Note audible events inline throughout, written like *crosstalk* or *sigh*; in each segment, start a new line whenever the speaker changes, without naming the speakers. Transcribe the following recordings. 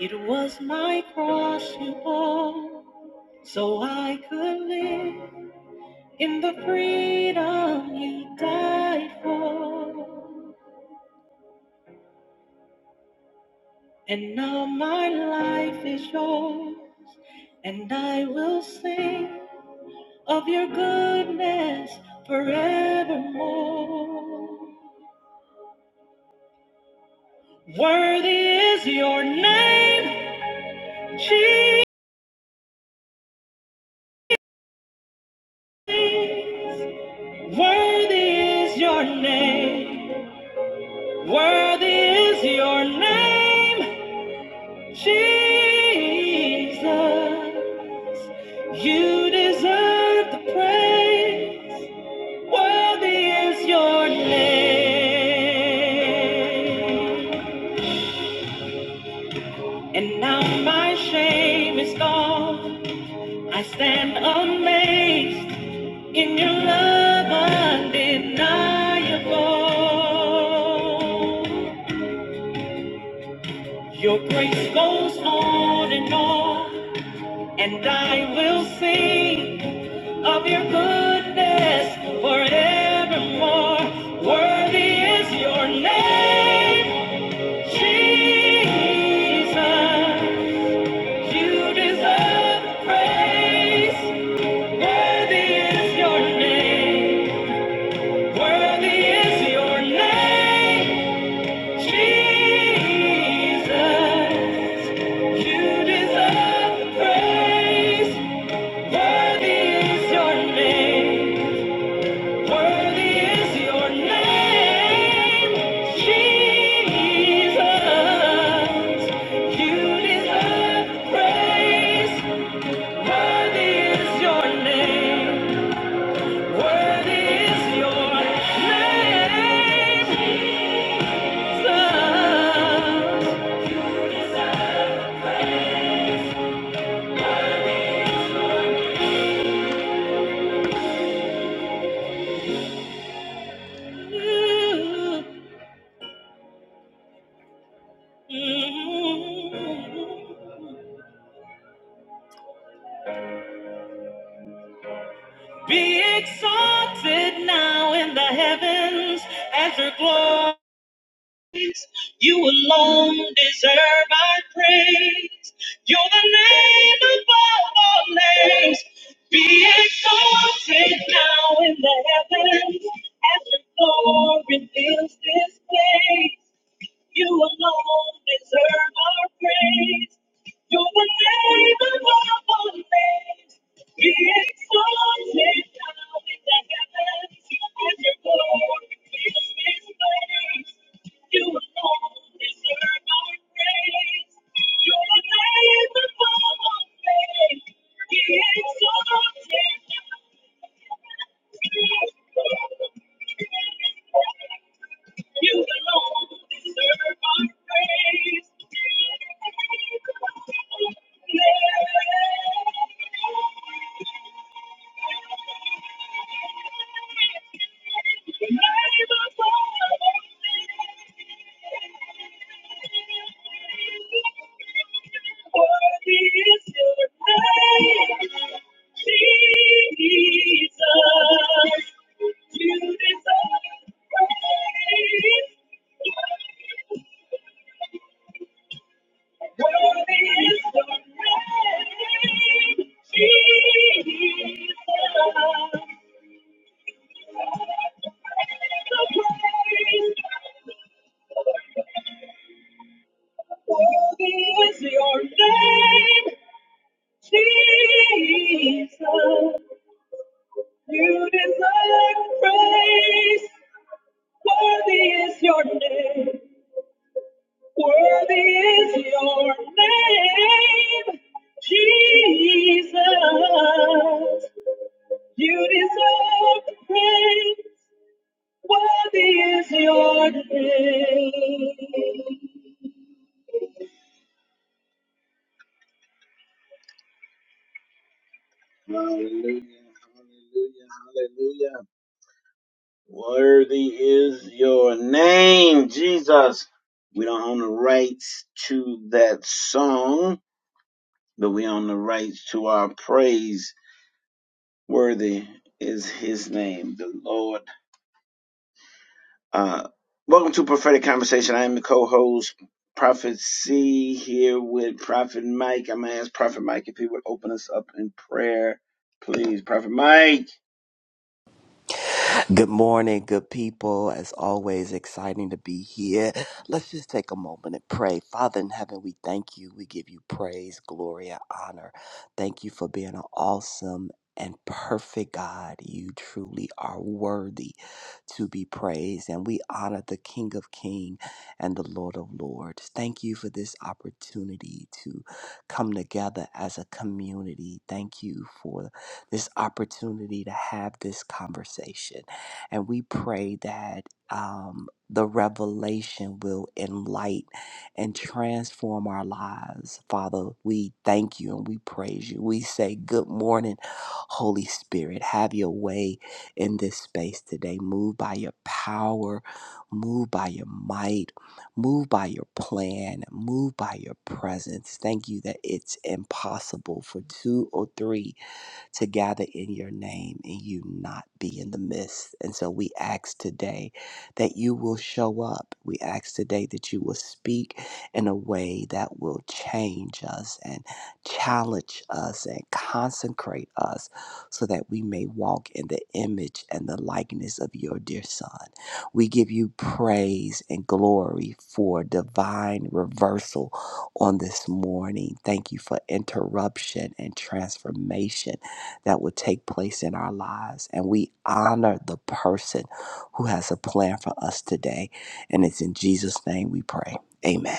It was my cross you bore, so I could live in the freedom you died for. And now my life is yours, and I will sing of your goodness forevermore. Worthy is your name, Jesus. Worthy is your name. Worthy is your name, Jesus. You deserve the praise. Worthy is your name. And now my shame is gone. I stand amazed in your love undeniable. Your grace goes on and on. And I will sing of your goodness forevermore. Worthy is your name, Jesus. You deserve the praise. Worthy is your name. Worthy is your name, Jesus. You deserve the praise. Worthy is your name. Worthy is your name. Jesus, you deserve praise. Worthy is your name. Worthy is your name. Be exalted now in the heavens as your glories. You alone deserve our praise. You're the name above all names. Be exalted now in the heavens as your glory fills this place. You alone deserve our praise. You're the name above all names. Be exalted now in the heavens as your glory fills this place. You alone deserve our praise. You're the name above all names. Be exalted now. You alone deserve our praise. Jesus, your name, worthy is your name, Jesus. You deserve the praise. Worthy is your name. Hallelujah, hallelujah, hallelujah. Worthy is your name, Jesus. We don't own the rights to that song, but we own the rights to our praise. Worthy is his name, the Lord Uh, welcome to Prophetic Conversation. I am the co-host, Prophet C, here with Prophet Mike. I'm gonna ask Prophet Mike if he would open us up in prayer, please. Prophet Mike.
Good morning, good people. As always, exciting to be here. Let's just take a moment and pray. Father in heaven, we thank you. We give you praise, glory, and honor. Thank you for being an awesome and perfect God. You truly are worthy to be praised. And we honor the King of Kings and the Lord of Lords. Thank you for this opportunity to come together as a community. Thank you for this opportunity to have this conversation. And we pray that um, the revelation will enlighten and transform our lives. Father, we thank you and we praise you. We say, Good morning, Holy Spirit. Have your way in this space today. Move by your power, move by your might, move by your plan, move by your presence. Thank you that it's impossible for two or three to gather in your name and you not be in the midst. And so we ask today that you will show up. We ask today that you will speak in a way that will change us and challenge us and consecrate us so that we may walk in the image and the likeness of your dear Son. We give you praise and glory for divine reversal on this morning. Thank you for interruption and transformation that would take place in our lives. And we honor the person who has a plan for us today. And it's in Jesus' name we pray. Amen.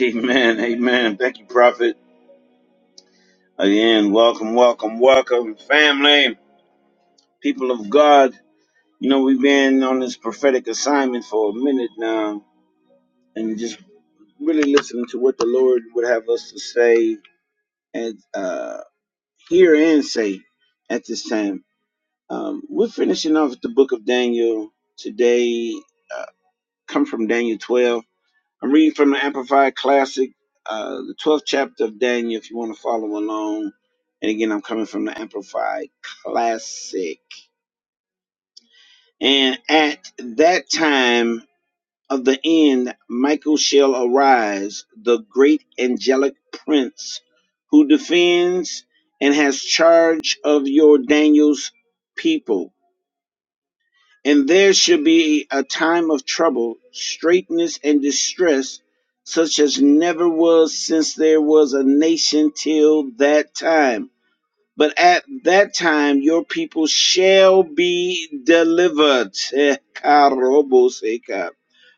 Amen. Amen. Thank you, Prophet. Again, welcome, welcome, welcome, family, people of God. You know we've been on this prophetic assignment for a minute now, and just really listening to what the Lord would have us to say and uh, hear and say at this time. Um, we're finishing off the book of Daniel today. Uh, come from Daniel 12. I'm reading from the Amplified Classic, uh, the 12th chapter of Daniel, if you want to follow along. And again, I'm coming from the Amplified Classic. And at that time of the end, Michael shall arise, the great angelic prince who defends and has charge of your Daniel's people And there should be a time of trouble, straitness, and distress, such as never was since there was a nation till that time. But at that time, your people shall be delivered. *laughs* Eh,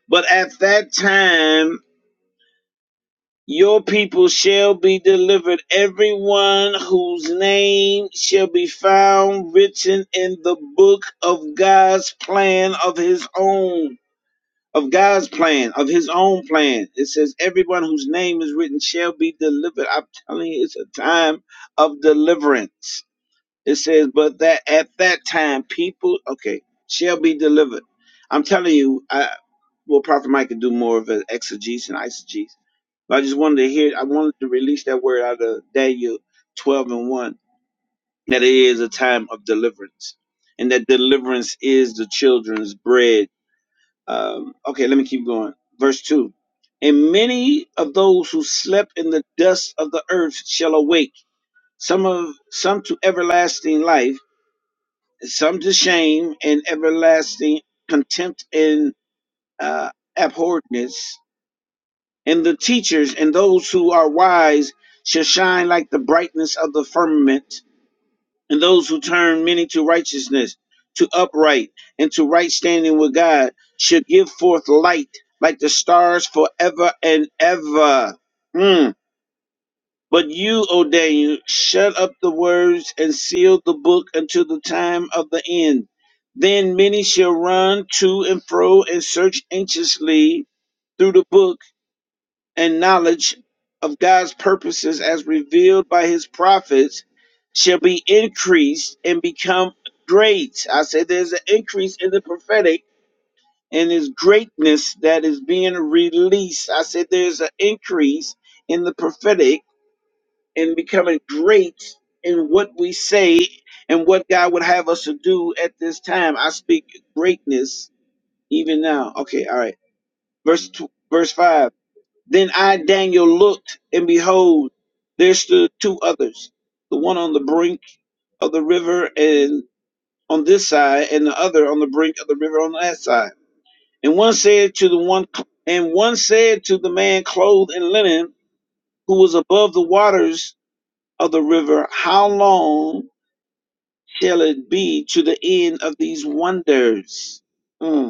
But at that time, your people shall be delivered, everyone whose name shall be found written in the book of God's plan of his own, of God's plan, of his own plan. It says, everyone whose name is written shall be delivered. I'm telling you, it's a time of deliverance. It says, but that at that time, people, okay, shall be delivered. I'm telling you, I. Well, Prophet Mike could do more of an exegesis and eisegesis. But I just wanted to hear, I wanted to release that word out of Daniel 12 and 1, that it is a time of deliverance, and that deliverance is the children's bread. Um, okay, let me keep going. Verse 2 And many of those who slept in the dust of the earth shall awake, some, of, some to everlasting life, and some to shame and everlasting contempt and uh, abhorredness. And the teachers and those who are wise shall shine like the brightness of the firmament, and those who turn many to righteousness, to upright, and to right standing with God shall give forth light like the stars forever and ever. Mm. But you, O Daniel, shut up the words and seal the book until the time of the end. Then many shall run to and fro and search anxiously through the book and knowledge of God's purposes as revealed by his prophets shall be increased and become great. I said there's an increase in the prophetic and his greatness that is being released. I said there's an increase in the prophetic and becoming great in what we say and what God would have us to do at this time. I speak greatness even now. Okay, all right. Verse tw- verse 5. Then I, Daniel, looked, and behold, there stood two others, the one on the brink of the river and on this side, and the other on the brink of the river on that side. And one said to the one, and one said to the man clothed in linen, who was above the waters of the river, How long shall it be to the end of these wonders? Mm.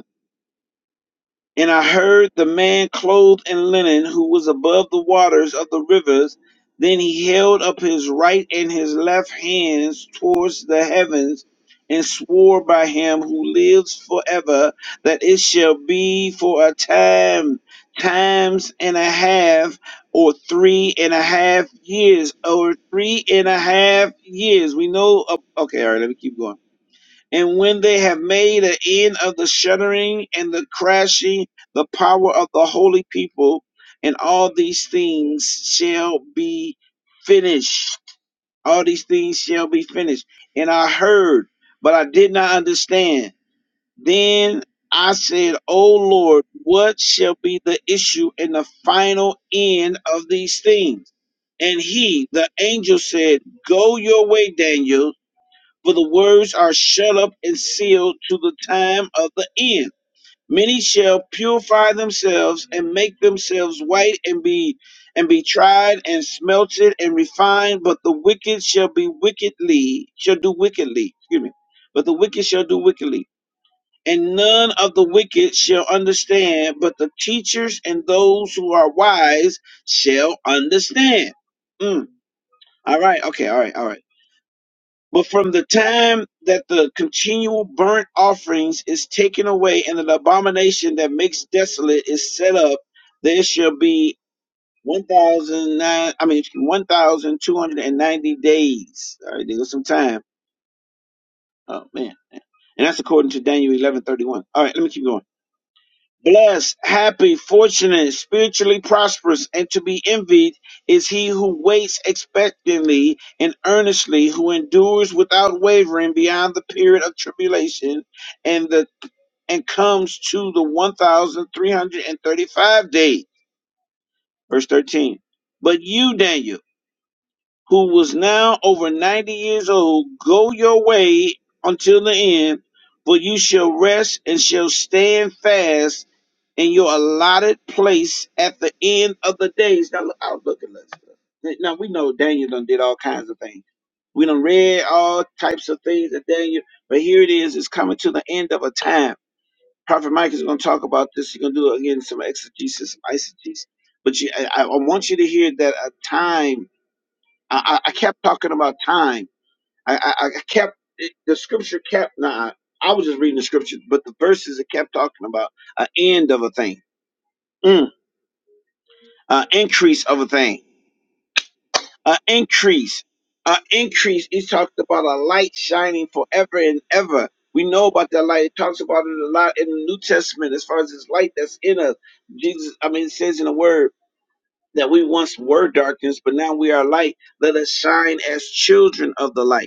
And I heard the man clothed in linen who was above the waters of the rivers. Then he held up his right and his left hands towards the heavens and swore by him who lives forever that it shall be for a time, times and a half, or three and a half years, or three and a half years. We know, oh, okay, all right, let me keep going and when they have made an end of the shuddering and the crashing, the power of the holy people and all these things shall be finished. All these things shall be finished. And I heard, but I did not understand. Then I said, O Lord, what shall be the issue and the final end of these things? And he, the angel, said, Go your way, Daniel for the words are shut up and sealed to the time of the end. Many shall purify themselves and make themselves white and be and be tried and smelted and refined, but the wicked shall be wickedly shall do wickedly. Excuse me. But the wicked shall do wickedly. And none of the wicked shall understand, but the teachers and those who are wise shall understand. Mm. All right, okay, all right, all right. But from the time that the continual burnt offerings is taken away and an abomination that makes desolate is set up, there shall be one thousand nine I mean one thousand two hundred and ninety days. All right, there goes some time. Oh man. And that's according to Daniel eleven thirty one. All right, let me keep going. Blessed, happy, fortunate, spiritually prosperous, and to be envied is he who waits expectantly and earnestly, who endures without wavering beyond the period of tribulation, and the and comes to the one thousand three hundred and thirty-five day. Verse thirteen. But you, Daniel who was now over ninety years old, go your way until the end, for you shall rest and shall stand fast in your allotted place at the end of the days. Now look, I'll look at this. Now we know Daniel done did all kinds of things. We done read all types of things that Daniel, but here it is, it's coming to the end of a time. Prophet Mike is going to talk about this. He's going to do again some exegesis, some eisegesis. But you, I, I I want you to hear that a time I, I I kept talking about time. I, I, I kept it- the scripture kept. Nah, I was just reading the scripture, but the verses it kept talking about an end of a thing, mm, an increase of a thing, an increase, an increase. He talked about a light shining forever and ever. We know about that light. It talks about it a lot in the New Testament as far as this light that's in us. Jesus, I mean, it says in the Word that we once were darkness, but now we are light. Let us shine as children of the light.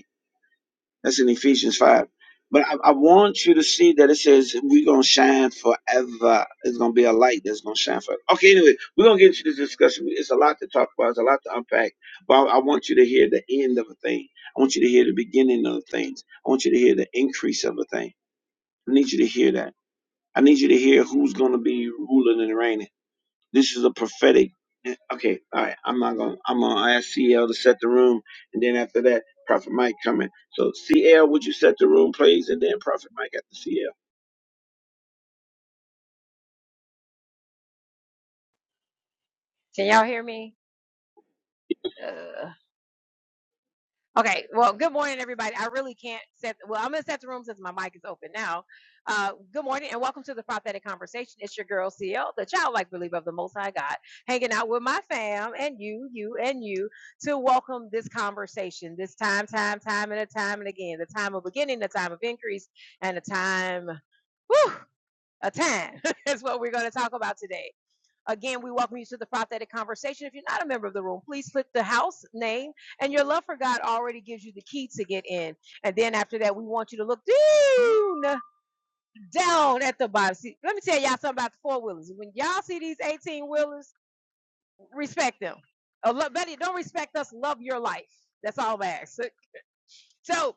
That's in Ephesians 5. But I, I want you to see that it says we're going to shine forever. It's going to be a light that's going to shine forever. Okay, anyway, we're going to get into this discussion. It's a lot to talk about, it's a lot to unpack. But I, I want you to hear the end of a thing. I want you to hear the beginning of things. I want you to hear the increase of a thing. I need you to hear that. I need you to hear who's going to be ruling and reigning. This is a prophetic. Okay, all right. I'm not gonna. I'm gonna ask CL to set the room, and then after that, Prophet Mike coming. So CL, would you set the room, please, and then Prophet Mike after
Can y'all hear me? Uh, okay. Well, good morning, everybody. I really can't set. Well, I'm gonna set the room since my mic is open now. Uh, good morning and welcome to the prophetic conversation. It's your girl CL, the childlike believer of the Most High God, hanging out with my fam and you, you and you, to welcome this conversation. This time, time, time, and a time and again, the time of beginning, the time of increase, and the time. Whew, a time *laughs* is what we're going to talk about today. Again, we welcome you to the prophetic conversation. If you're not a member of the room, please click the house name, and your love for God already gives you the key to get in. And then after that, we want you to look down, down at the bottom. See, let me tell y'all something about the four wheelers. When y'all see these 18 wheelers, respect them. Uh, lo- better, don't respect us. Love your life. That's all I ask. So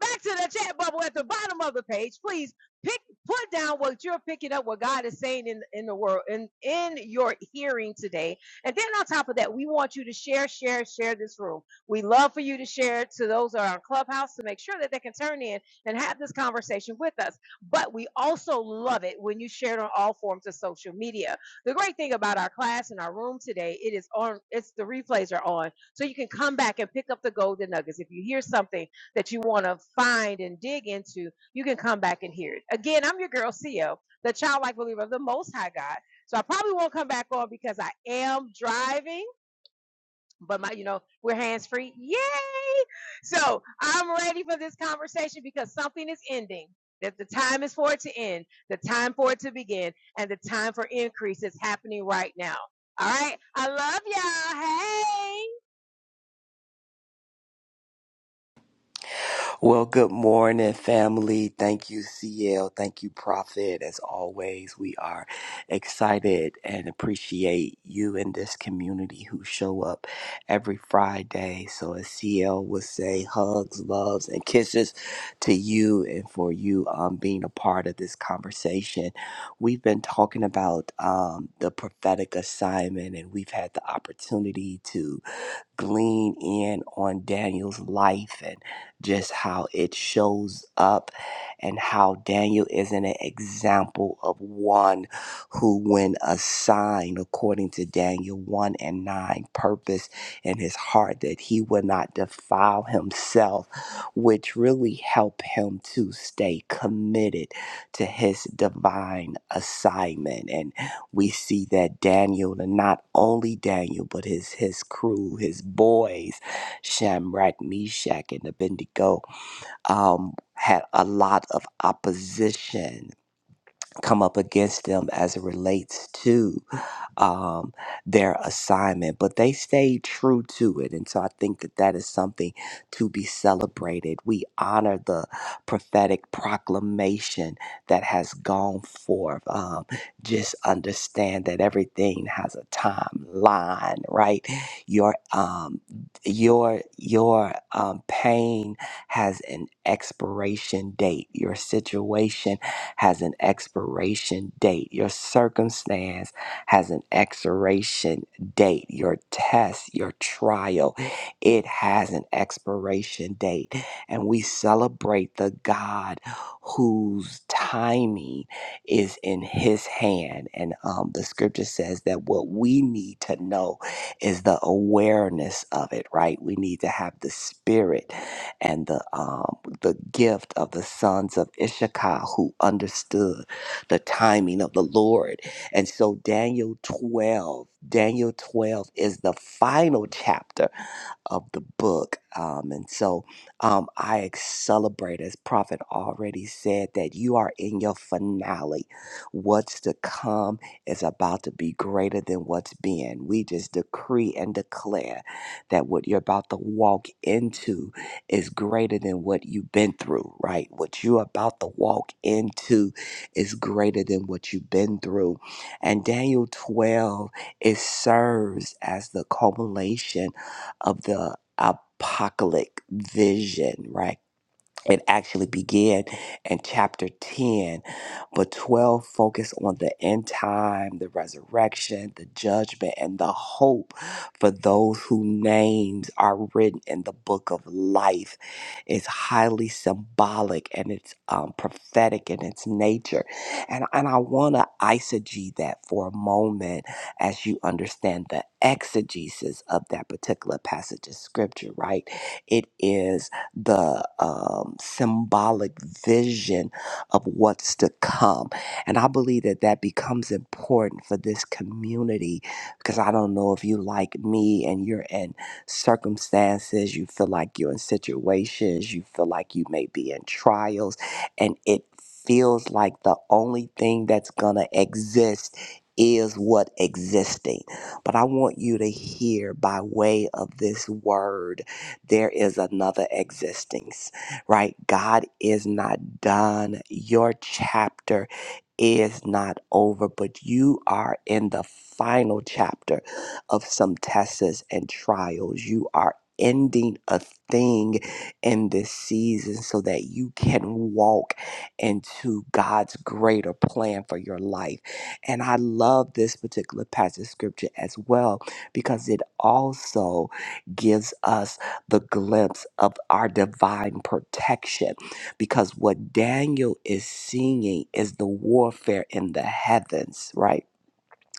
back to the chat bubble at the bottom of the page. Please pick put down what you're picking up, what God is saying in in the world, in in your hearing today. And then on top of that, we want you to share, share, share this room. We love for you to share it to those that are on Clubhouse to make sure that they can turn in and have this conversation with us. But we also love it when you share it on all forms of social media. The great thing about our class and our room today, it is on. It's the replays are on, so you can come back and pick up the golden nuggets. If you hear something that you want to find and dig into, you can come back and hear it. Again, I'm your girl, Co, the childlike believer of the Most High God. So I probably won't come back on because I am driving, but my, you know, we're hands free. Yay! So I'm ready for this conversation because something is ending. That the time is for it to end, the time for it to begin, and the time for increase is happening right now. All right. I love y'all. Hey.
Well, good morning, family. Thank you, CL. Thank you, Prophet. As always, we are excited and appreciate you in this community who show up every Friday. So, as CL would say, hugs, loves, and kisses to you and for you um, being a part of this conversation. We've been talking about um, the prophetic assignment, and we've had the opportunity to glean in on Daniel's life and just how it shows up, and how Daniel is an example of one who, when assigned, according to Daniel 1 and 9, purpose in his heart that he would not defile himself, which really helped him to stay committed to his divine assignment. and we see that Daniel, and not only Daniel, but his his crew, his boys, Shamrat, Meshach, and Abednego, um, had a lot of opposition come up against them as it relates to um, their assignment, but they stayed true to it. And so I think that that is something to be celebrated. We honor the prophetic proclamation that has gone forth. Um, just understand that everything has a timeline, right? Your um, your your um, pain has an expiration date. Your situation has an expiration date. Your circumstance has an expiration date. Your test, your trial, it has an expiration date. And we celebrate the God whose timing is in his hand. And um, the scripture says that what we need to know is the awareness of it, right? We need to have the spirit and the um, the gift of the sons of Issachar who understood the timing of the Lord and so Daniel 12, Daniel 12 is the final chapter of the book. Um, and so um, I celebrate, as Prophet already said, that you are in your finale. What's to come is about to be greater than what's been. We just decree and declare that what you're about to walk into is greater than what you've been through, right? What you're about to walk into is greater than what you've been through. And Daniel 12, it serves as the culmination of the apocalyptic vision, right? it actually began in chapter 10 but 12 focused on the end time the resurrection the judgment and the hope for those whose names are written in the book of life it's highly symbolic and it's um, prophetic in its nature and, and i want to eisegete that for a moment as you understand the exegesis of that particular passage of scripture right it is the um, symbolic vision of what's to come. And I believe that that becomes important for this community because I don't know if you like me and you're in circumstances, you feel like you're in situations, you feel like you may be in trials, and it feels like the only thing that's going to exist is what existing. But I want you to hear by way of this word there is another existence, right? God is not done. Your chapter is not over, but you are in the final chapter of some tests and trials. You are ending a thing in this season so that you can walk into God's greater plan for your life. And I love this particular passage of scripture as well because it also gives us the glimpse of our divine protection because what Daniel is seeing is the warfare in the heavens, right?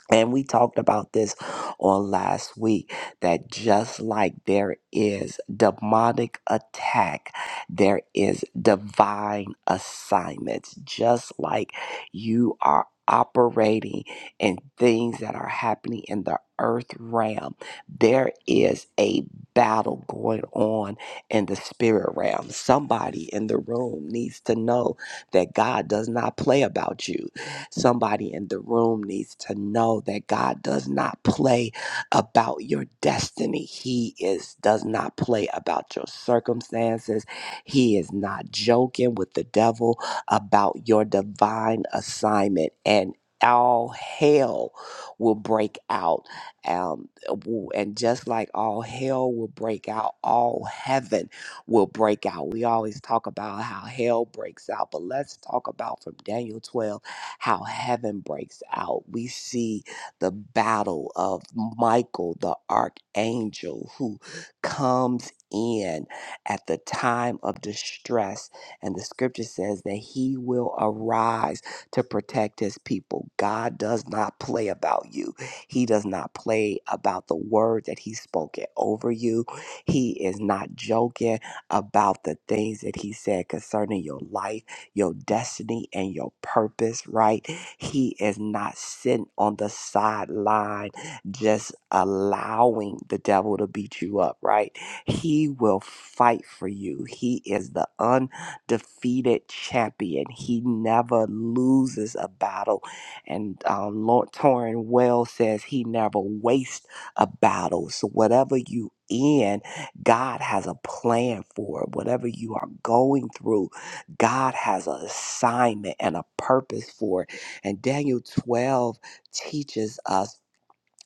And we talked about this on last week that just like there is demonic attack, there is divine assignments. Just like you are operating in things that are happening in the earth realm, there is a battle going on in the spirit realm. Somebody in the room needs to know that God does not play about you. Somebody in the room needs to know that God does not play about your destiny. He is does not play about your circumstances. He is not joking with the devil about your divine assignment and all hell will break out um, w- and just like all hell will break out all heaven will break out. We always talk about how hell breaks out, but let's talk about from Daniel 12 how heaven breaks out. We see the battle of Michael, the archangel, who comes in at the time of distress. And the scripture says that he will arise to protect his people. God does not play about you, he does not play about the word that he's spoken over you. He is not joking about the things that he said concerning your life your destiny and your purpose, right? He is not sitting on the sideline just allowing the devil to beat you up, right? He will fight for you. He is the undefeated champion. He never loses a battle. And um, Lord Torrin Wells says he never wastes a battle. So whatever you in, God has a plan for it. Whatever you are going through, God has an assignment and a purpose for it. And Daniel 12 teaches us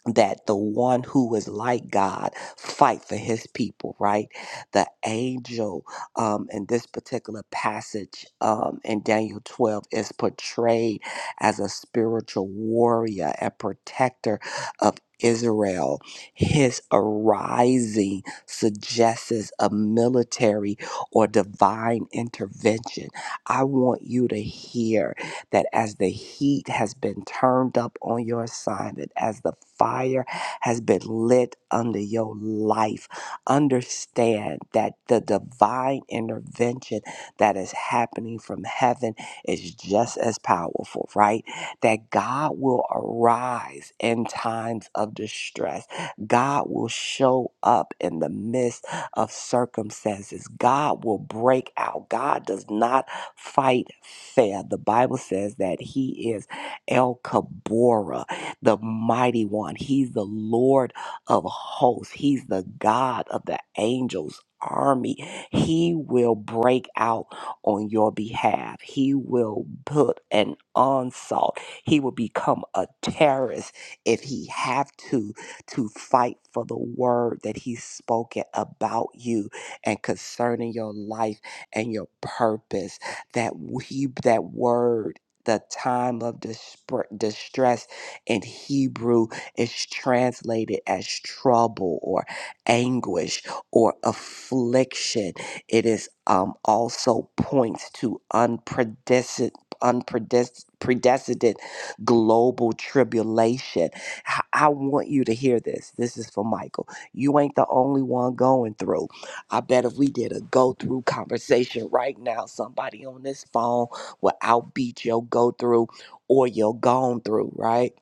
that the one who is like God fight for his people, right? The angel um, in this particular passage um, in Daniel 12 is portrayed as a spiritual warrior and protector of Israel. His arising suggests a military or divine intervention. I want you to hear that as the heat has been turned up on your assignment, as the fire has been lit under your life, understand that the divine intervention that is happening from heaven is just as powerful, right? That God will arise in times of distress. God will show up in the midst of circumstances. God will break out. God does not fight fair. The Bible says that he is El Kabora, the mighty one. He's the Lord of hosts. He's the God of the angels army. He will break out on your behalf. He will put an onslaught. He will become a terrorist if he have to to fight for the word that he's spoken about you and concerning your life and your purpose that he that word the time of dispre- distress in Hebrew is translated as trouble or anguish or affliction. It is um, also points to unprecedented, unprecedented global tribulation. H- I want you to hear this. This is for Michael. You ain't the only one going through. I bet if we did a go through conversation right now, somebody on this phone will outbeat your go through or your gone through, right?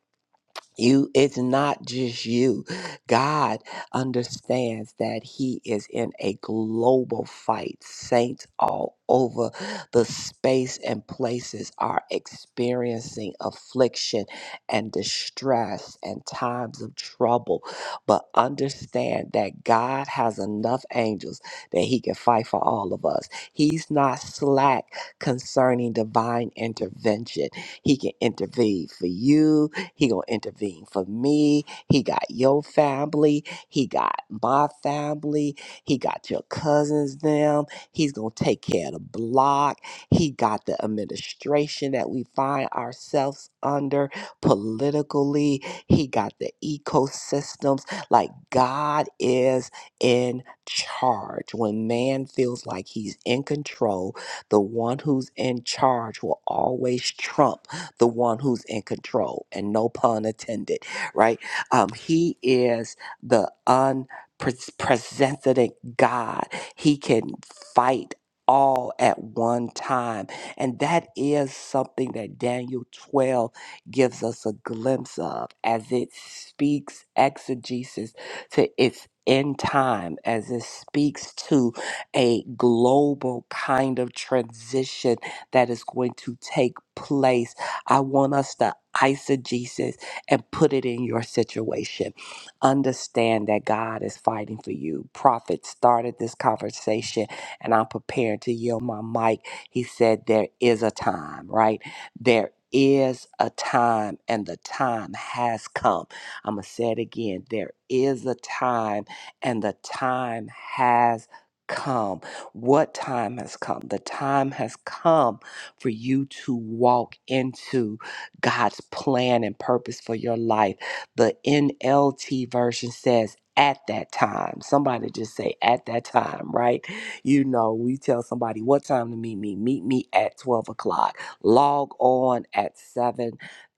you it's not just you god understands that he is in a global fight saints all over the space and places are experiencing affliction and distress and times of trouble but understand that god has enough angels that he can fight for all of us he's not slack concerning divine intervention he can intervene for you he gonna intervene for me. He got your family. He got my family. He got your cousins them. He's gonna take care of the block. He got the administration that we find ourselves under politically. He got the ecosystems. Like God is in charge. When man feels like he's in control, the one who's in charge will always trump the one who's in control, and no pun intended, right? Um, he is the unprecedented God. He can fight all at one time. And that is something that Daniel 12 gives us a glimpse of as it speaks exegesis to its end time, as it speaks to a global kind of transition that is going to take place I want us to eisegesis and put it in your situation. Understand that God is fighting for you. Prophet started this conversation, and I'm preparing to yield my mic. He said, There is a time, right? There is a time, and the time has come. I'm going to say it again. There is a time, and the time has come. What time has come? The time has come for you to walk into God's plan and purpose for your life. The NLT version says, at that time, somebody just say at that time, right? You know, we tell somebody what time to meet me. Meet me at 12 o'clock. Log on at 7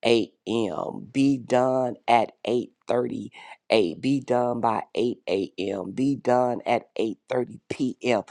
a.m. Be done at 8:30 a. Be done by 8 a.m. Be done at 8:30 p.m.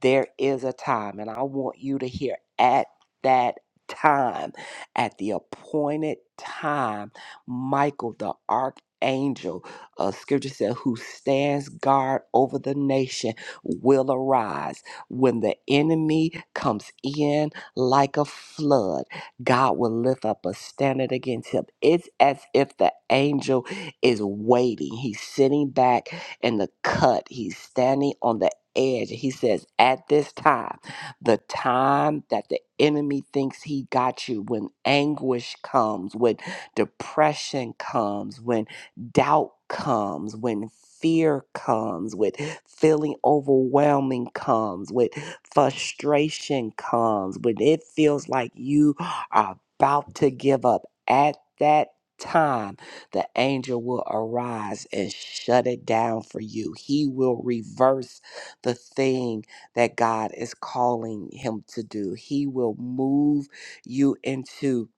There is a time, and I want you to hear at that time. At the appointed time, Michael the archangel, uh, scripture said, who stands guard over the nation will arise. When the enemy comes in like a flood, God will lift up a standard against him. It's as if the angel is waiting. He's sitting back in the cut, he's standing on the edge. He says, At this time, the time that the enemy thinks he got you when anguish comes when depression comes when doubt comes when fear comes when feeling overwhelming comes when frustration comes when it feels like you are about to give up at that time the angel will arise and shut it down for you he will reverse the thing that God is calling him to do. He will move you into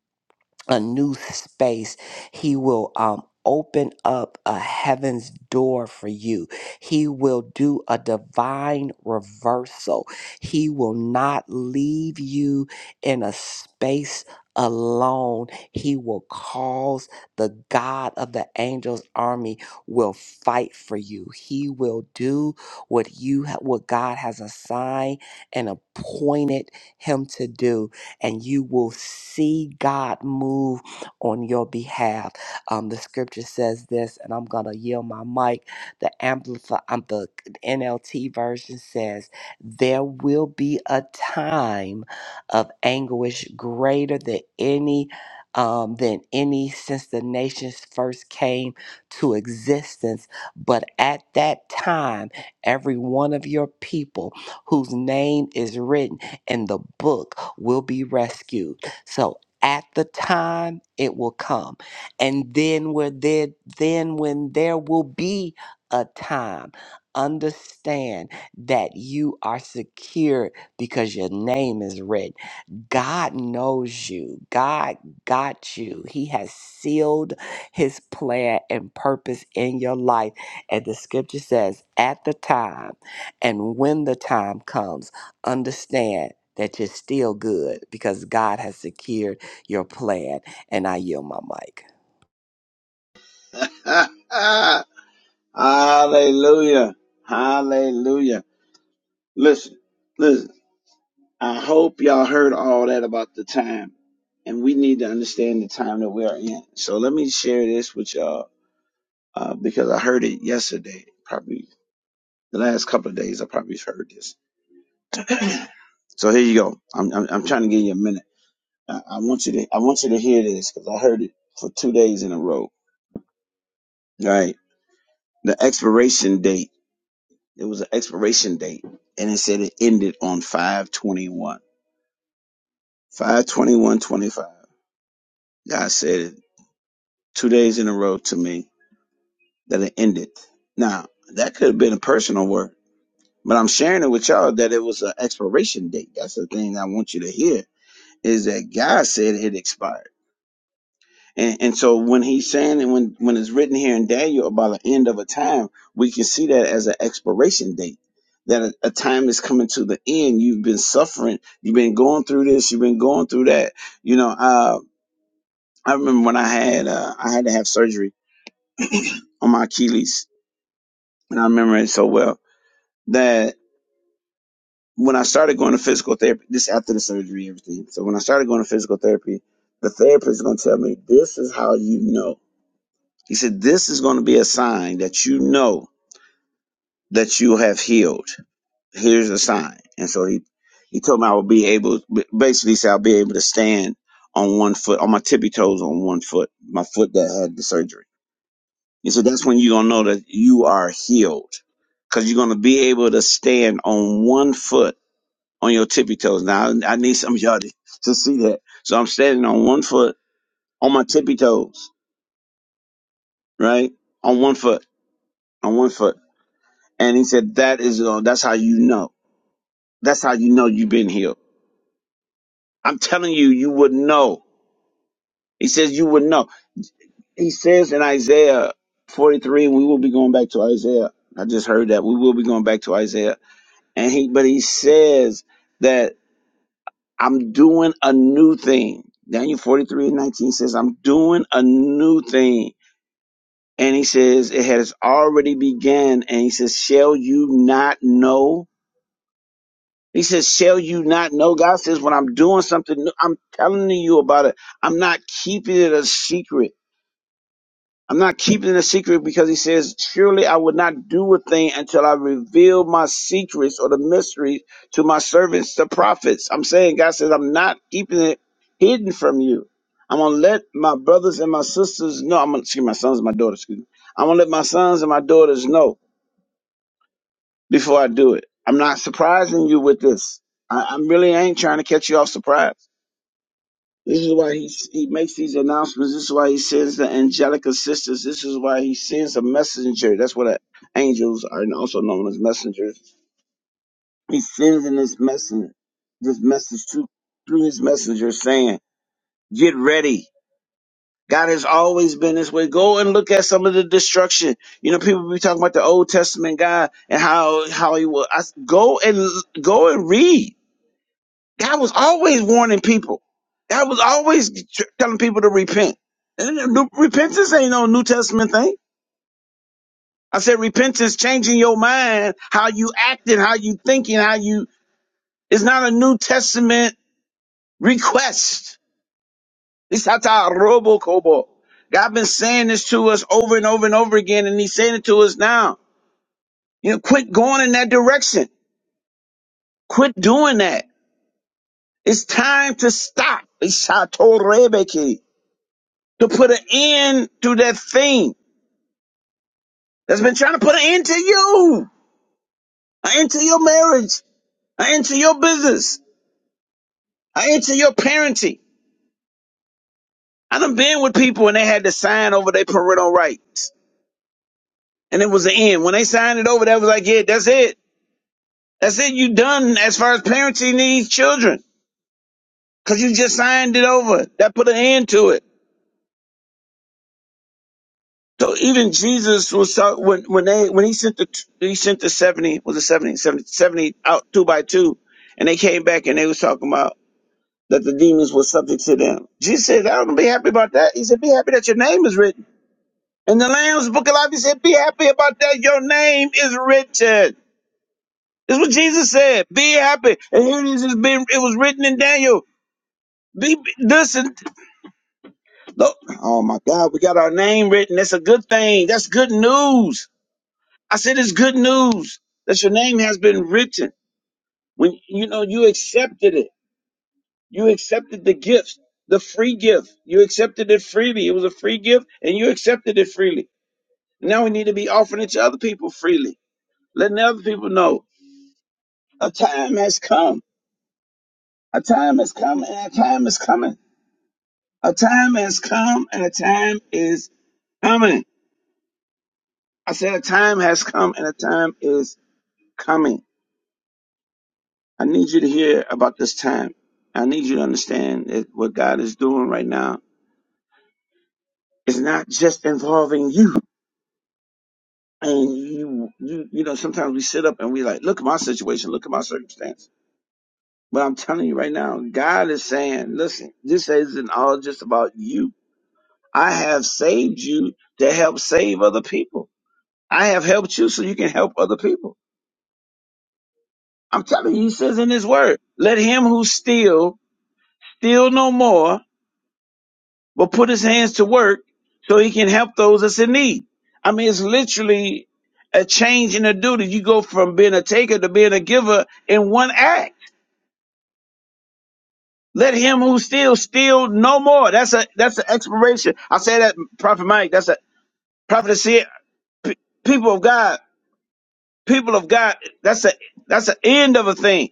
a new space. He will um, open up a heaven's door for you. He will do a divine reversal. He will not leave you in a space alone. He will cause the God of the angels army will fight for you. He will do what you ha- what God has assigned and appointed him to do and you will see God move on your behalf. Um, the scripture says this, and I'm going to yield my mic. The Amplify, um, the NLT version says, There will be a time of anguish greater than any. Um, than any since the nations first came to existence. But at that time, every one of your people whose name is written and the book will be rescued. So at the time it will come. And then where there then when there will be a time, understand that you are secure because your name is written. God knows you. God got you. He has sealed his plan and purpose in your life. And the scripture says, at the time and when the time comes, understand that you're still good because God has secured your plan. And I yield my mic.
CL. *laughs* Hallelujah. Hallelujah. Listen, listen. I hope y'all heard all that about the time, and we need to understand the time that we are in. So let me share this with y'all uh, because I heard it yesterday. Probably the last couple of days, I probably heard this So here you go. I'm I'm, I'm trying to give you a minute. I, I want you to I want you to hear this because I heard it for two days in a row. Right, the expiration date. It was an expiration date, and it said it ended on five twenty one. Five twenty one twenty five. God said it two days in a row to me that it ended. Now that could have been a personal word, but I'm sharing it with y'all that it was an expiration date. That's the thing I want you to hear is that God said it expired. And, and so when he's saying and when, when it's written here in Daniel about the end of a time, we can see that as an expiration date. That a, a time is coming to the end. You've been suffering. You've been going through this. You've been going through that. You know, uh, I remember when I had uh, I had to have surgery on my Achilles, and I remember it so well that when I started going to physical therapy, this after the surgery, everything. So when I started going to physical therapy, the therapist is going to tell me, "This is how you know." He said, "This is going to be a sign that you know." that you have healed. Here's a sign. And so he, he told me I would be able, basically he said I'll be able to stand on one foot, on my tippy toes on one foot, my foot that had the surgery. He said, that's when you're going to know that you are healed because you're going to be able to stand on one foot on your tippy toes. Now I, I need some of y'all to, to see that. So I'm standing on one foot on my tippy toes, right? On one foot, on one foot. And he said, that is, uh, that's how you know. That's how you know you've been healed I'm telling you, you would know. He says you would know. He says in Isaiah 43, we will be going back to Isaiah. I just heard that we will be going back to Isaiah. And he, but he says that I'm doing a new thing. Daniel 43 and 19 says, I'm doing a new thing. And he says, it has already began. And he says, shall you not know? He says, shall you not know? God says, when I'm doing something new, I'm telling you about it. I'm not keeping it a secret. I'm not keeping it a secret because he says, Surely I would not do a thing until I reveal my secrets or the mysteries to my servants, the prophets. I'm saying, God says, I'm not keeping it hidden from you. I'm going to let my brothers and my sisters know. I'm going to, excuse my sons and my daughters, excuse me. I'm going to let my sons and my daughters know before I do it. I'm not surprising you with this. I, I'm really ain't trying to catch you off surprise. This is why he, he makes these announcements. This is why he sends the angelic assistants. This is why he sends a messenger. That's what uh, angels are also known as messengers. He sends in this message, this message to, through his messenger saying, get ready. God has always been this way. Go and look at some of the destruction. You know, people be talking about the Old Testament God and how, how he will. I, s- go and, go and read. God was always warning people. God was always tr- telling people to repent. And then new- repentance ain't no New Testament thing. I said repentance changing your mind, how you acting, how you thinking, how you. It's not a New Testament request. It's hata robo kobo. God been saying this to us over and over and over again, and He's saying it to us now. You know, quit going in that direction. Quit doing that. It's time to stop. It's hata rebeki. to put an end to that thing that's been trying to put an end to you, an end to your marriage, an end to your business, an end to your parenting. I done been with people and they had to sign over their parental rights. And it was the end. When they signed it over, that was like, yeah, that's it. That's it. You done as far as parenting these children. Cause you just signed it over. That put an end to it. So even Jesus was talk, when when they when he sent the he sent the seventy was it 70 70 70 out two by two, and they came back and they was talking about that the demons were subject to them. Jesus said, "I don't be happy about that." He said, "Be happy that your name is written in the Lamb's Book of Life." He said, "Be happy about that. Your name is written." This is what Jesus said. Be happy, and here it is. It's been it was written in Daniel. Be be- listen. Look, oh my God, we got our name written. That's a good thing. That's good news. I said it's good news that your name has been written. When you know you accepted it, you accepted the gift, the free gift. You accepted it freely. It was a free gift, and you accepted it freely. Now we need to be offering it to other people freely, letting other people know a time has come. A time has come, and a time is coming. A time has come, and a time is coming. I said a time has come, and a time is coming. I need you to hear about this time. I need you to understand that what God is doing right now is not just involving you. And you, you, you know, sometimes we sit up and we like, look at my situation, look at my circumstance. But I'm telling you right now, God is saying, listen, this isn't all just about you. I have saved you to help save other people. I have helped you so you can help other people. I'm telling you, he says in his word, let him who steal, steal no more, but put his hands to work so he can help those that's in need. I mean, it's literally a change in the duty. You go from being a taker to being a giver in one act. Let him who steals steal no more. That's a that's an expiration. I say that Prophet Mike. That's a prophet. See, p- people of God, people of God. That's a that's the end of a thing.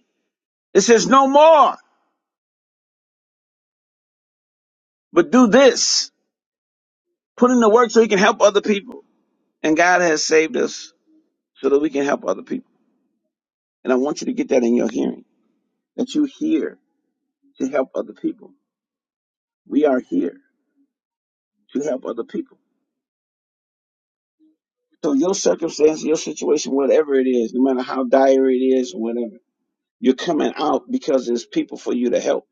It says no more, but do this. Put in the work so he can help other people. And God has saved us so that we can help other people. And I want you to get that in your hearing that you're here to help other people. We are here to help other people. So your circumstance, your situation, whatever it is, no matter how dire it is or whatever, you're coming out because there's people for you to help.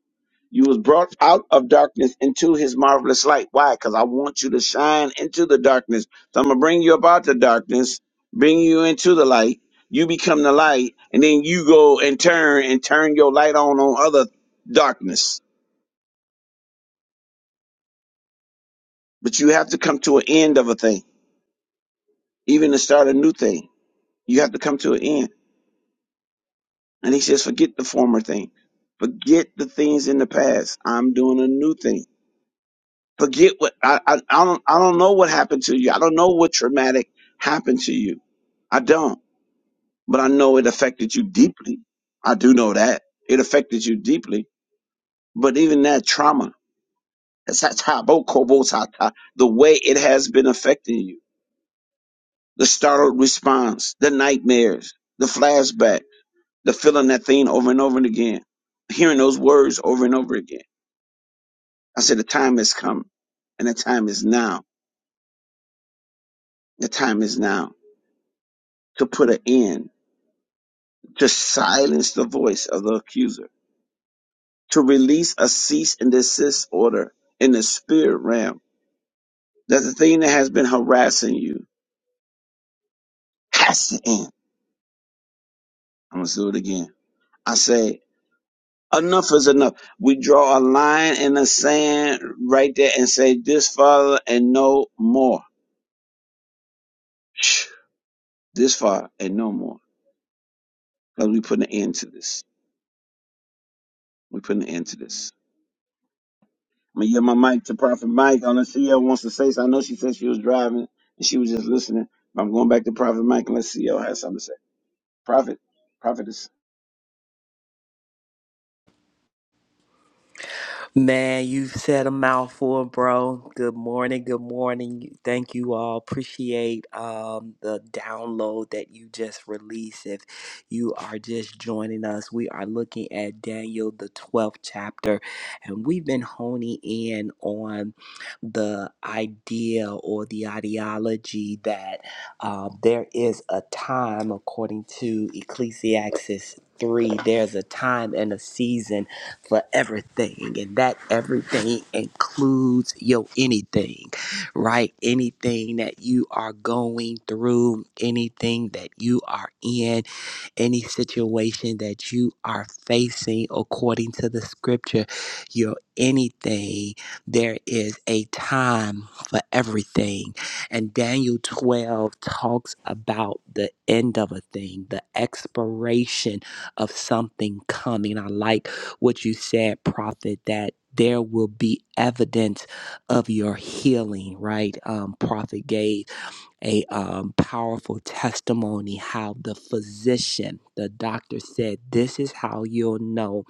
You was brought out of darkness into his marvelous light. Why? Because I want you to shine into the darkness. So I'm gonna bring you about the darkness, bring you into the light. You become the light, and then you go and turn and turn your light on on other darkness But you have to come to an end of a thing, even to start a new thing. You have to come to an end. And he says, forget the former thing. Forget the things in the past. I'm doing a new thing. Forget what I, I, I don't I don't know what happened to you. I don't know what traumatic happened to you. I don't, but I know it affected you deeply. I do know that it affected you deeply. But even that trauma, that's how- how- the way it has been affecting you the startled response, the nightmares, the flashback, the feeling that thing over and over and again, hearing those words over and over again. I said, the time has come and the time is now. The time is now to put an end, to silence the voice of the accuser, to release a cease and desist order in the spirit realm that the thing that has been harassing you has to end. I'm going to do it again. I say. enough is enough. We draw a line in the sand right there and say this far and no more. Shh. This far and no more. Because we putting an end to this. We putting an end to this. I'm gonna yield my mic to Prophet Mike unless she ever wants to say something. I know she said she was driving and she was just listening. But I'm going back to Prophet Mike and let's see y'all has something to say. Prophet, prophetess.
Man, you said a mouthful, bro. Good morning. Good morning. Thank you all. Appreciate um, the download that you just released. If you are just joining us, we are looking at Daniel, the 12th chapter, and we've been honing in on the idea or the ideology that um, there is a time, according to Ecclesiastes 3, there's a time and a season for everything. And that everything includes your anything, right? Anything that you are going through, anything that you are in, any situation that you are facing, according to the scripture, your anything, there is a time for everything. And Daniel 12 talks about the end of a thing, the expiration of something coming. I like what you said, Prophet, that there will be evidence of your healing, right? Um, Prophet gave a um, powerful testimony how the physician, the doctor said, This is how you'll know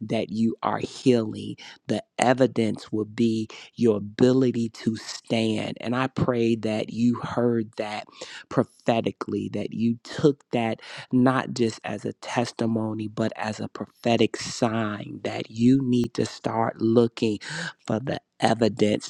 that you are healing. The evidence will be your ability to stand. And I pray that you heard that prophetically, that you took that not just as a testimony, but as a prophetic sign that you need to start looking for the evidence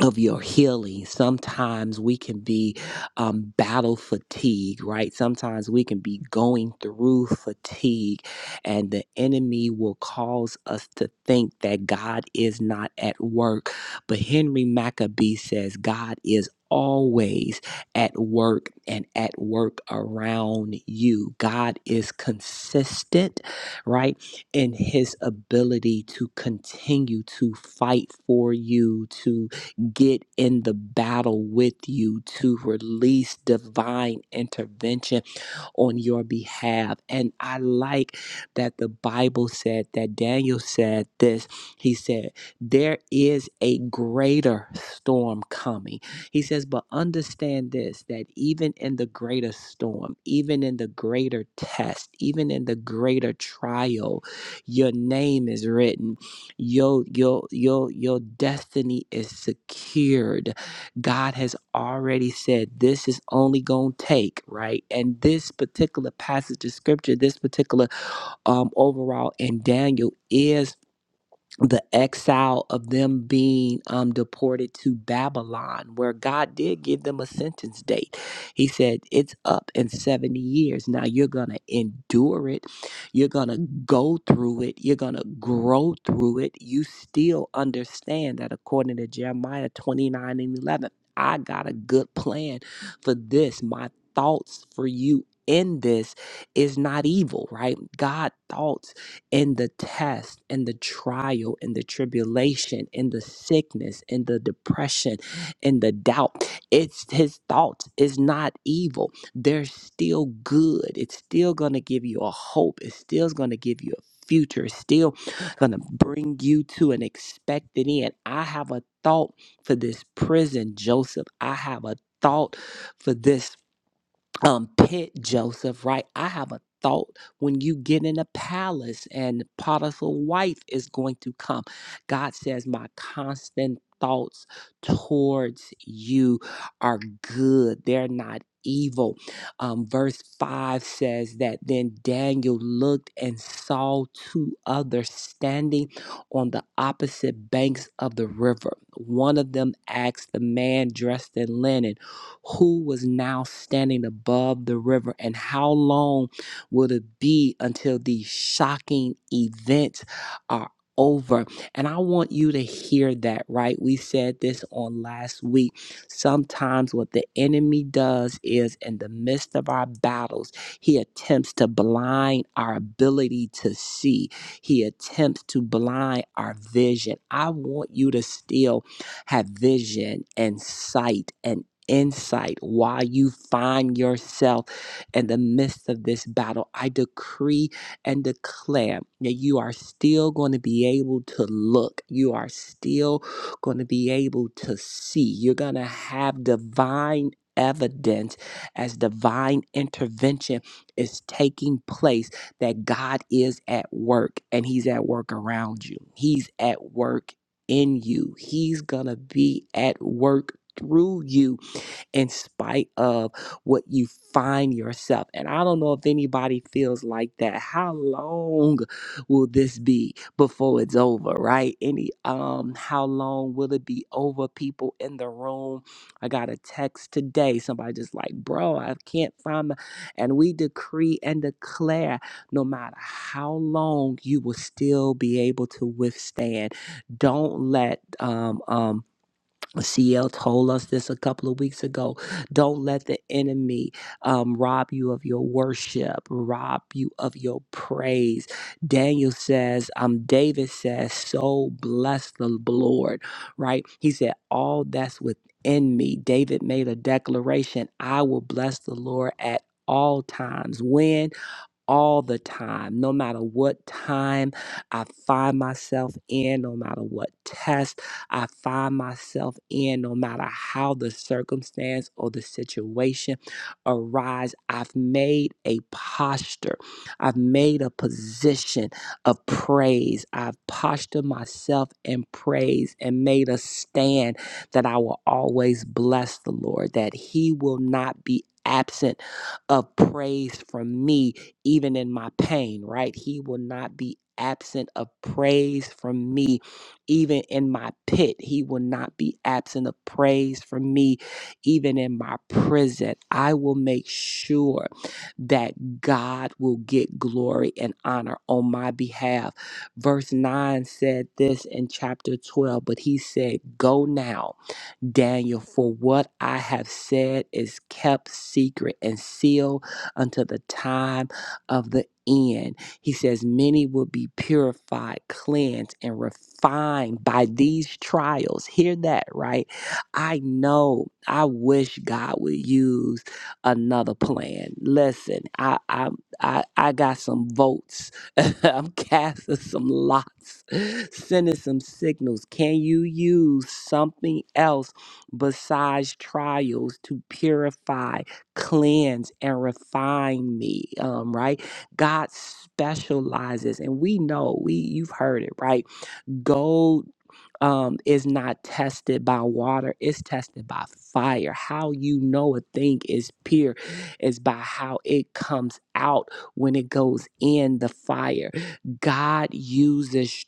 of your healing. Sometimes we can be um, battle fatigue, right? Sometimes we can be going through fatigue, and the enemy will cause us to think that God is not at work. But Henry Maccabee says God is always at work and at work around you. God is consistent, right? in his ability to continue to fight for you, to get in the battle with you to release divine intervention on your behalf. And I like that the Bible said that Daniel said this. He said, There is a greater storm coming. He says, But understand this that even in the greater storm, even in the greater test, even in the greater trial, your name is written. Your, your, your, your destiny is secured. God has already said this is only going to take, right? And this particular passage of scripture, this particular um, overall in Daniel is the exile of them being um, deported to Babylon, where God did give them a sentence date. He said, It's up in 70 years. Now you're going to endure it. You're going to go through it. You're going to grow through it. You still understand that according to Jeremiah 29 and 11, I got a good plan for this. My thoughts for you in this is not evil, right? God thoughts in the test, in the trial, in the tribulation, in the sickness, in the depression, in the doubt. It's his thoughts is not evil. They're still good. It's still gonna give you a hope. It's still gonna give you a future. It's still gonna bring you to an expected end. I have a thought for this prison, Joseph. I have a thought for this um pit Joseph, right? I have a thought when you get in a palace and Potiphar's wife is going to come. God says, My constant thoughts towards you are good, they're not evil. Um, verse 5 says that then Daniel looked and saw two others standing on the opposite banks of the river. One of them asked the man dressed in linen who was now standing above the river and how long will it be until these shocking events are over and i want you to hear that right we said this on last week sometimes what the enemy does is in the midst of our battles he attempts to blind our ability to see he attempts to blind our vision i want you to still have vision and sight and insight while you find yourself in the midst of this battle. I decree and declare that you are still going to be able to look, you are still going to be able to see, you're going to have divine. Evidence as divine intervention is taking place that God is at work and He's at work around you. He's at work in you. He's going to be at work through you in spite of what you find yourself. And I don't know if anybody feels like that. How long will this be before it's over, right? Any um how long will it be over people in the room? I got a text today. Somebody just like, "Bro, I can't find my and we decree and declare no matter how long you will still be able to withstand. Don't let um um CL told us this a couple of weeks ago. Don't let the enemy um, rob you of your worship, rob you of your praise. Daniel says, um, David says, so bless the Lord, right? He said, all that's within me. David made a declaration I will bless the Lord at all times. When? all the time, no matter what time I find myself in, no matter what test I find myself in, no matter how the circumstance or the situation arise, I've made a posture. I've made a position of praise. I've postured myself in praise and made a stand that I will always bless the Lord, that He will not be absent of praise from me even in my pain, right? He will not be absent of praise from me, even in my pit. He will not be absent of praise from me, even in my prison. I will make sure that God will get glory and honor on my behalf. Verse 9 said this in chapter 12, but he said, Go now. Daniel, for what I have said is kept secret and sealed until the time of the end. He says, Many will be purified, cleansed, and refined by these trials. Hear that, right? I know, I wish God would use another plan. Listen, I I I, I got some votes. *laughs* I'm casting some lots, sending some signals. Can you use something else? besides trials to purify, cleanse, and refine me. Um, right? God specializes, and we know we you've heard it, right? Gold um, is not tested by water, it's tested by fire. How you know a thing is pure is by how it comes out when it goes in the fire. God uses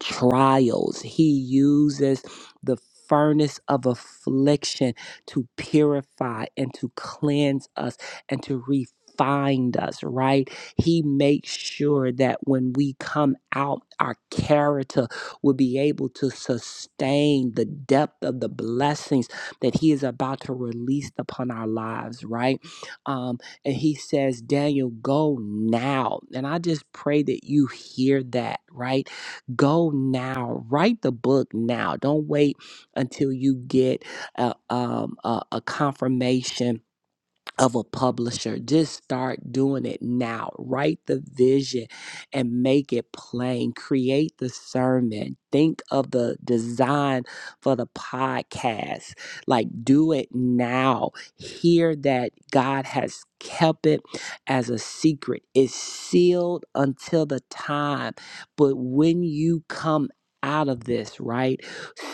trials. He uses the furnace of affliction to purify and to cleanse us and to refine us, right? He makes sure that when we come out, our character will be able to sustain the depth of the blessings that He is about to release upon our lives, right? Um, and He says, Daniel, go now. And I just pray that you hear that, right? Go now. Write the book now. Don't wait until you get a, um, a, a confirmation of a publisher. Just start doing it now. Write the vision and make it plain. Create the sermon. Think of the design for the podcast. Like, do it now. Hear that God has kept it as a secret. It's sealed until the time. But when you come out of this, right?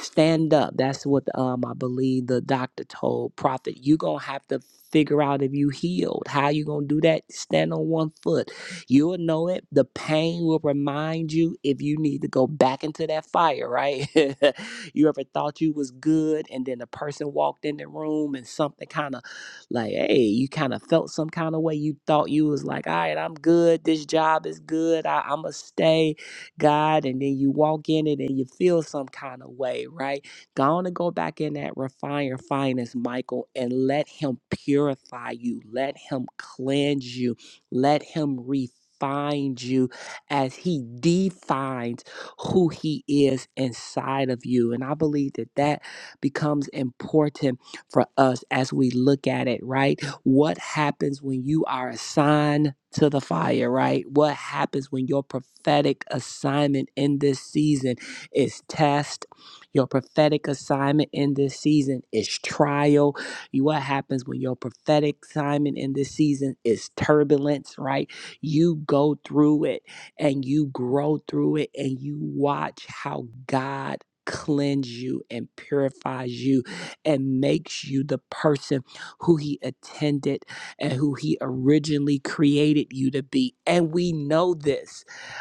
Stand up. That's what um I believe the doctor told prophet. You're gonna have to figure out if you healed. How you gonna do that? Stand on one foot. You'll know it. The pain will remind you if you need to go back into that fire, right? *laughs* you ever thought you was good and then a person walked in the room and something kind of like, hey, you kind of felt some kind of way. You thought you was like, all right, I'm good. This job is good. I, I'ma stay, God. And then you walk in it and you feel some kind of way, right? Go on and go back in that refiner finest, Michael, and let him purify you. Let him cleanse you. Let him refine you as he defines who he is inside of you. And I believe that that becomes important for us as we look at it, right? What happens when you are assigned to the fire, right? What happens when your prophetic assignment in this season is test? Your prophetic assignment in this season is trial. You- What happens when your prophetic assignment in this season is turbulence, right? You go through it and you grow through it and you watch how God cleanse you and purifies you and makes you the person who he attended and who he originally created you to be and we know this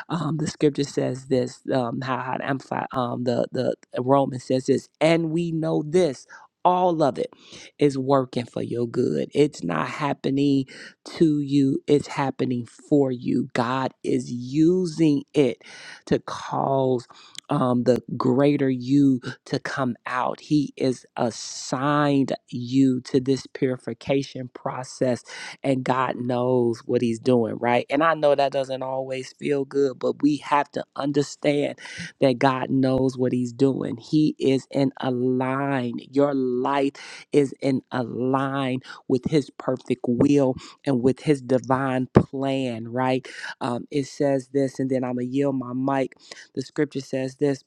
um, the scripture says this, um, how, how to amplify um, the, the Romans says this, and we know this. All of it is working for your good. It's not happening to you, it's happening for you. God is using it to cause um, the greater you to come out. He is assigned you to this purification process and God knows what he's doing, right? And I know that doesn't always feel good, but we have to understand that God knows what he's doing. He is in a line. Your life is in a line with his perfect will and with his divine plan, right? Um, it says this, and then I'm going to yield my mic. The scripture says this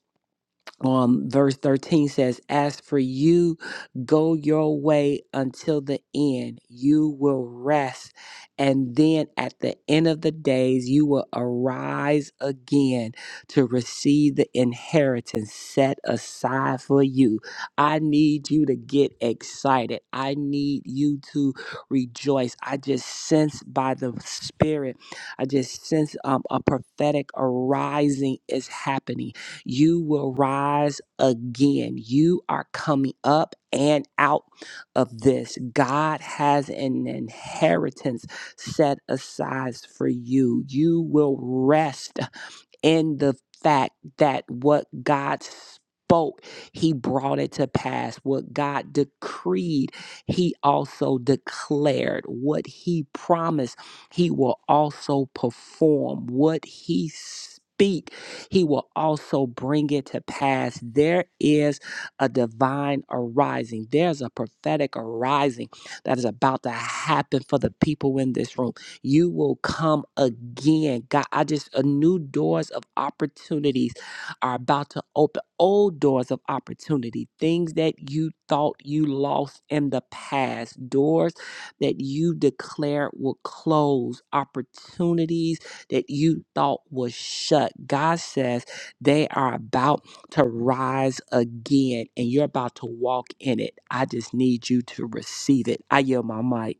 um, verse 13 says, As for you, go your way until the end. You will rest. And then at the end of the days, you will arise again to receive the inheritance set aside for you. I need you to get excited. I need you to rejoice. I just sense by the Spirit, I just sense um, a prophetic arising is happening you will rise again. You are coming up and out of this. God has an inheritance set aside for you. You will rest in the fact that what God spoke, he brought it to pass. What God decreed, he also declared. What he promised, he will also perform. What he speak, he will also bring it to pass. There is a divine arising. There's a prophetic arising that is about to happen for the people in this room. You will come again. God, I just, a new doors of opportunities are about to open, old doors of opportunity, things that you thought you lost in the past, doors that you declared will close, opportunities that you thought was shut. God says they are about to rise again and you're about to walk in it. I just need you to receive it. I yield my mic.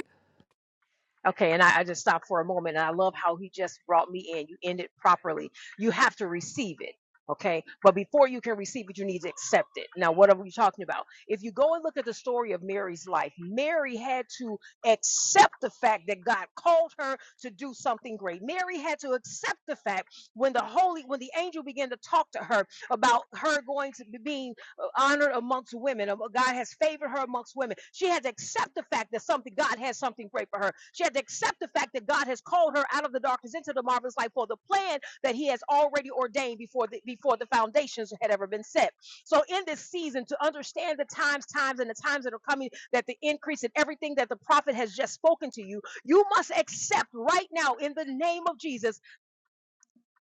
Okay, and I, I just stopped for a moment, and I love how he just brought me in. You end it properly. You have to receive it. Okay, but before you can receive it, you need to accept it. Now, what are we talking about? If you go and look at the story of Mary's life, Mary had to accept the fact that God called her to do something great. Mary had to accept the fact when the holy, when the angel began to talk to her about her going to be being honored amongst women. Um, God has favored her amongst women. She had to accept the fact that something God has something great for her. She had to accept the fact that God has called her out of the darkness into the marvelous light for the plan that He has already ordained before the before the foundations had ever been set. So in this season, to understand the times, times, and the times that are coming, that the increase in everything that the prophet has just spoken to you, you must accept right now in the name of Jesus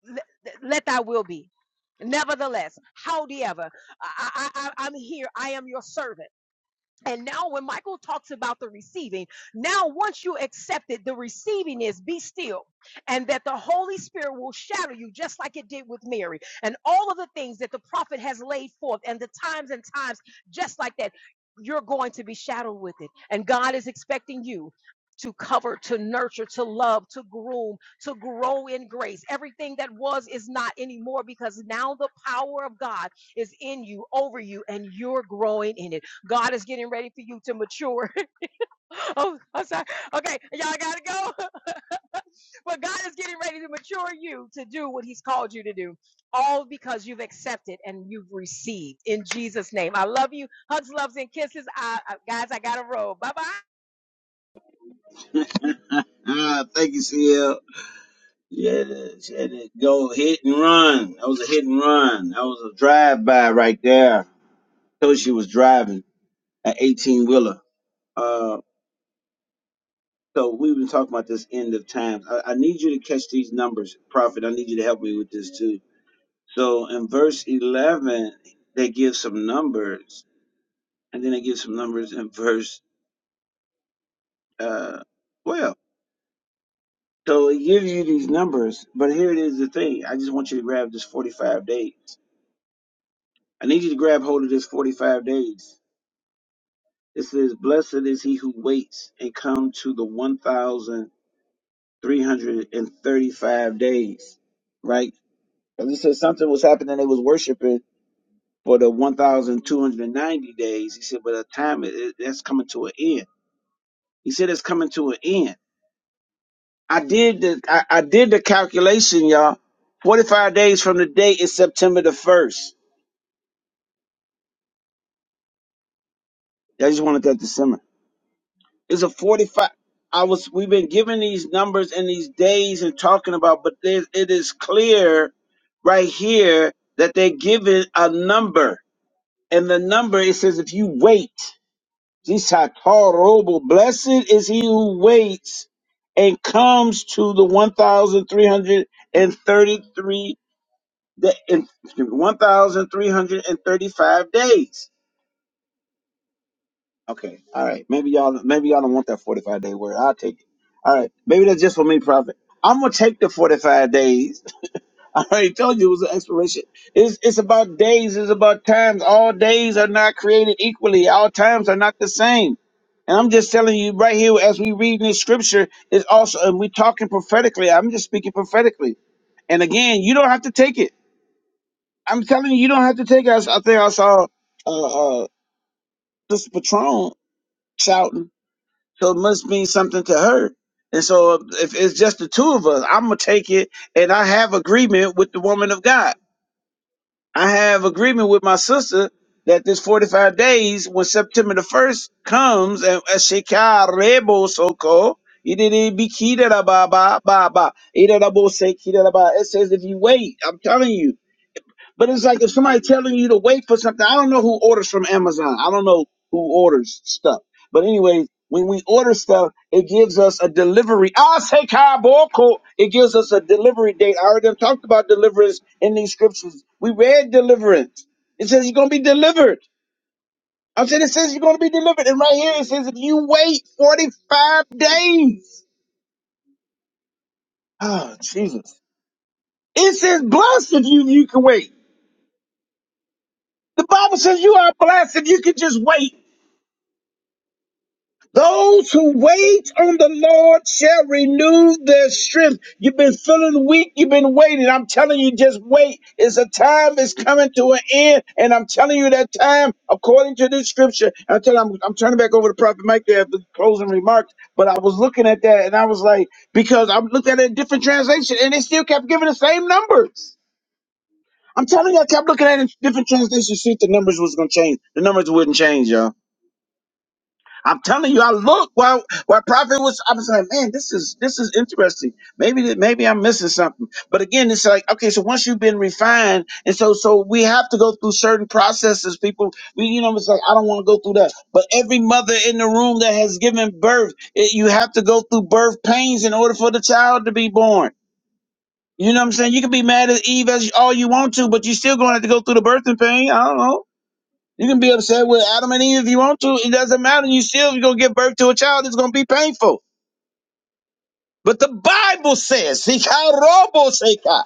let, let thy will be. Nevertheless, howsoever I, I, I- I'm here, I am your servant. And now, when Michael talks about the receiving, now once you accept it, the receiving is be still, and that the Holy Spirit will shadow you just like it did with Mary, and all of the things that the prophet has laid forth, and the times and times just like that. You're going to be shadowed with it, and God is expecting you to cover, to nurture, to love, to groom, to grow in grace. Everything that was is not anymore because now the power of God is in you, over you, and you're growing in it. God is getting ready for you to mature. *laughs* oh, I'm sorry. Okay, y'all gotta go. *laughs* but God is getting ready to mature you to do what He's called you to do, all because you've accepted and you've received in Jesus' name. I love you. Hugs, loves, and kisses. I, I, guys, I gotta roll. Bye bye.
Ah, thank you, CL. Yeah, she had to go hit and run. That was a hit and run. That was a drive by right there. Told she was driving. an 18 wheeler. Uh, so we've been talking about this end of times. I, I need you to catch these numbers, Prophet. I need you to help me with this too. So in verse 11, they give some numbers, and then they give some numbers in verse uh, 12. So it gives you these numbers, but here it is the thing. I just want you to grab this 45 days. I need you to grab hold of this 45 days. It says, Blessed is he who waits and come to the 1,000. 335 days, right? Because he said something was happening, they was worshiping for the 1,290 days. He said, but the time it, it- that's coming to an end. He said it's coming to an end. I did the I, I did the calculation, y'all. 45 days from the day is September the first. I just wanted that December. It's a 45. I was we've been given these numbers and these days and talking about, but there, it is clear right here that they're given a number And the number, it says, if you wait, this robo, blessed is he who waits and comes to the 1,333, da- and- excuse me, 1,335 days. Okay, all right. Maybe y'all, maybe y'all don't want that 45 day word. I'll take it. All right. Maybe that's just for me, prophet. I'm going to take the 45 days *laughs* I already told you it was an expiration. It's it's about days. It's about times. All days are not created equally. All times are not the same. And I'm just telling you right here as we read in this scripture it's also and we talking prophetically. I'm just speaking prophetically. And again, you don't have to take it. I'm telling you, you don't have to take it. I, s- I think I saw uh, uh, this Patron shouting, so it must mean something to her. And so if it's just the two of us, I'm gonna take it, and I have agreement with the woman of God. I have agreement with my sister that this 45 days, when September the 1st comes, and Ashikarebo Soko, it says if you wait, I'm telling you, but it's like if somebody telling you to wait for something, I don't know who orders from Amazon. I don't know who orders stuff. But anyway, when we order stuff, it gives us a delivery. I'll say kaboko. It gives us a delivery date. I already have talked about deliverance in these scriptures. We read deliverance. It says you're gonna be delivered. I'm saying it says you're gonna be delivered. And right here it says if you wait 45 days. Oh Jesus. It says blessed if you you can wait. The Bible says you are blessed if you can just wait. Those who wait on the Lord shall renew their strength. You've been feeling weak. You've been waiting. I'm telling you, just wait. It's a time is coming to an end. And I'm telling you that time, according to this scripture, I'm telling I'm, I'm turning back over to Prophet Mike there for the closing remarks. But I was looking at that and I was like, because I looked at it in different translation and they still kept giving the same numbers. I'm telling you, I kept looking at it in different translations, to see if the numbers was going to change. The numbers wouldn't change, y'all. I'm telling you, I look while while prophet was. I was like, man, this is this is interesting. Maybe that- maybe I'm missing something. But again, it's like okay, so once you've been refined, and so so we have to go through certain processes. People, we you know, it's like I don't want to go through that. But every mother in the room that has given birth, it, you have to go through birth pains in order for the child to be born. You know what I'm saying? You can be mad at Eve as all you want to, but you still going to have to go through the birthing pain. I don't know. You can be upset with Adam and Eve if you want to. It doesn't matter. You still you're gonna give birth to a child. It's gonna be painful. But the Bible says, *laughs* "Sika robo seka."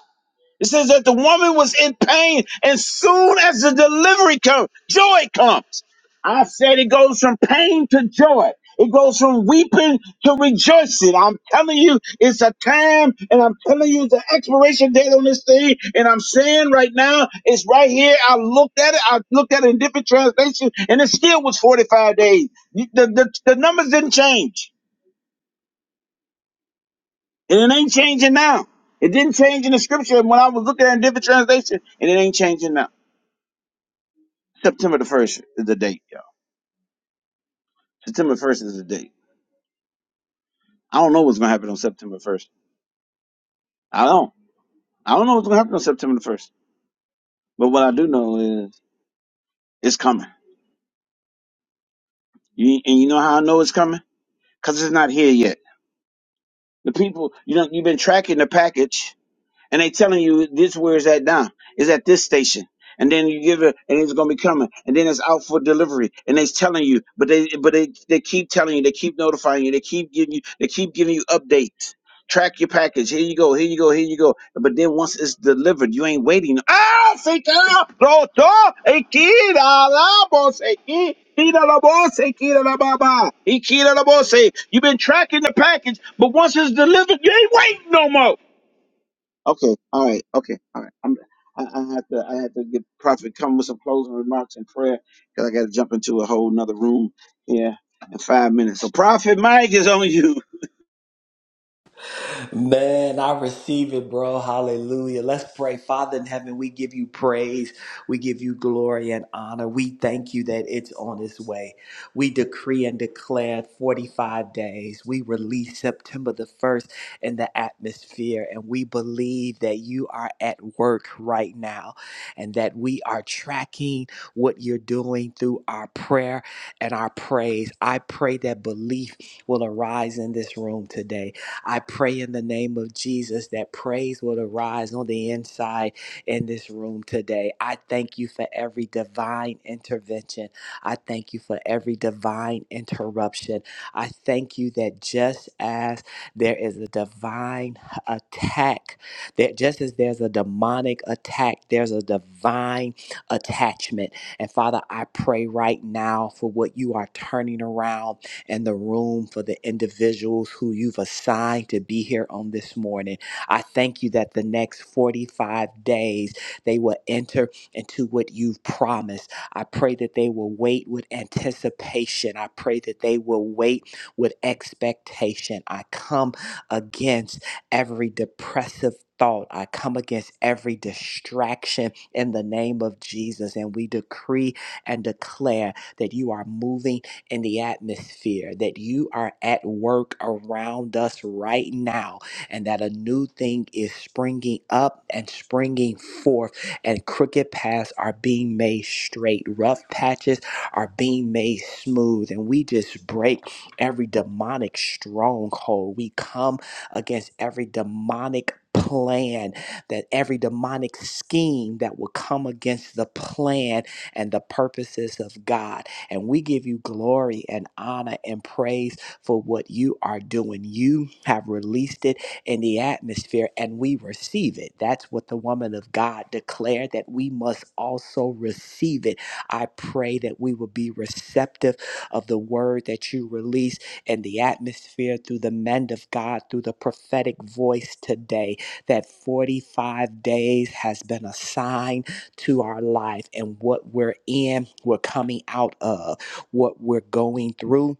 It says that the woman was in pain, and soon as the delivery comes, joy comes. I said it goes from pain to joy. It goes from weeping to rejoicing. I'm telling you, it's a time, and I'm telling you the expiration date on this thing. And I'm saying right now, it's right here. I looked at it. I looked at it in different translations, and it still was 45 days. The, the, the numbers didn't change, and it ain't changing now. It didn't change in the scripture when I was looking at it in different translations, and it ain't changing now. September the first is the date, y'all. September first is the date. I don't know what's gonna happen on September first. I don't. I don't know what's gonna happen on September the first. But what I do know is it's coming. You, and you know how I know it's coming? Cause it's not here yet. The people, you know, you've been tracking the package. and they telling you this where is that down is at this station and then you give it and it's gonna be coming and then it's out for delivery and they's telling you but they but they they keep telling you they keep notifying you they keep giving you they keep giving you updates track your package here you go here you go here you go but then once it's delivered you ain't waiting ah se queda pronto e queda la voz e qui- queda la voz e queda la baba e queda la voz you've been tracking the package but once it's delivered you ain't waiting no more Okay, all right, okay, all right. I'm, I, I have to, I have to get Prophet come with some closing remarks and prayer because I got to jump into a whole nother room here in five minutes. So, Prophet Mike is on you.
Man, I receive it, bro. Hallelujah. Let's pray. Father in heaven, we give you praise. We give you glory and honor. We thank you that it's on its way. We decree and declare 45 days. We release September the 1st in the atmosphere, and we believe that you are at work right now and that we are tracking what you're doing through our prayer and our praise. I pray that belief will arise in this room today I pray in the name of Jesus that praise will arise on the inside in this room today. I thank you for every divine intervention. I thank you for every divine interruption. I thank you that just as there is a divine attack, that just as there's a demonic attack, there's a divine attachment. And Father, I pray right now for what you are turning around and the room for the individuals who you've assigned to be here on this morning. I thank you that the next 45 days they will enter into what you've promised. I pray that they will wait with anticipation. I pray that they will wait with expectation. I come against every depressive thought. I come against every distraction in the name of Jesus. And we decree and declare that you are moving in the atmosphere, that you are at work around us right now, and that a new thing is springing up and springing forth, and crooked paths are being made straight, rough patches are being made smooth, and we just break every demonic stronghold. We come against every demonic plan that every demonic scheme that will come against the plan and the purposes of God and we give you glory and honor and praise for what you are doing. You have released it in the atmosphere and we receive it. That's what the woman of God declared that we must also receive it. I pray that we will be receptive of the word that you release in the atmosphere through the men of God, through the prophetic voice today. That 45 days has been assigned to our life and what we're in, we're coming out of, what we're going through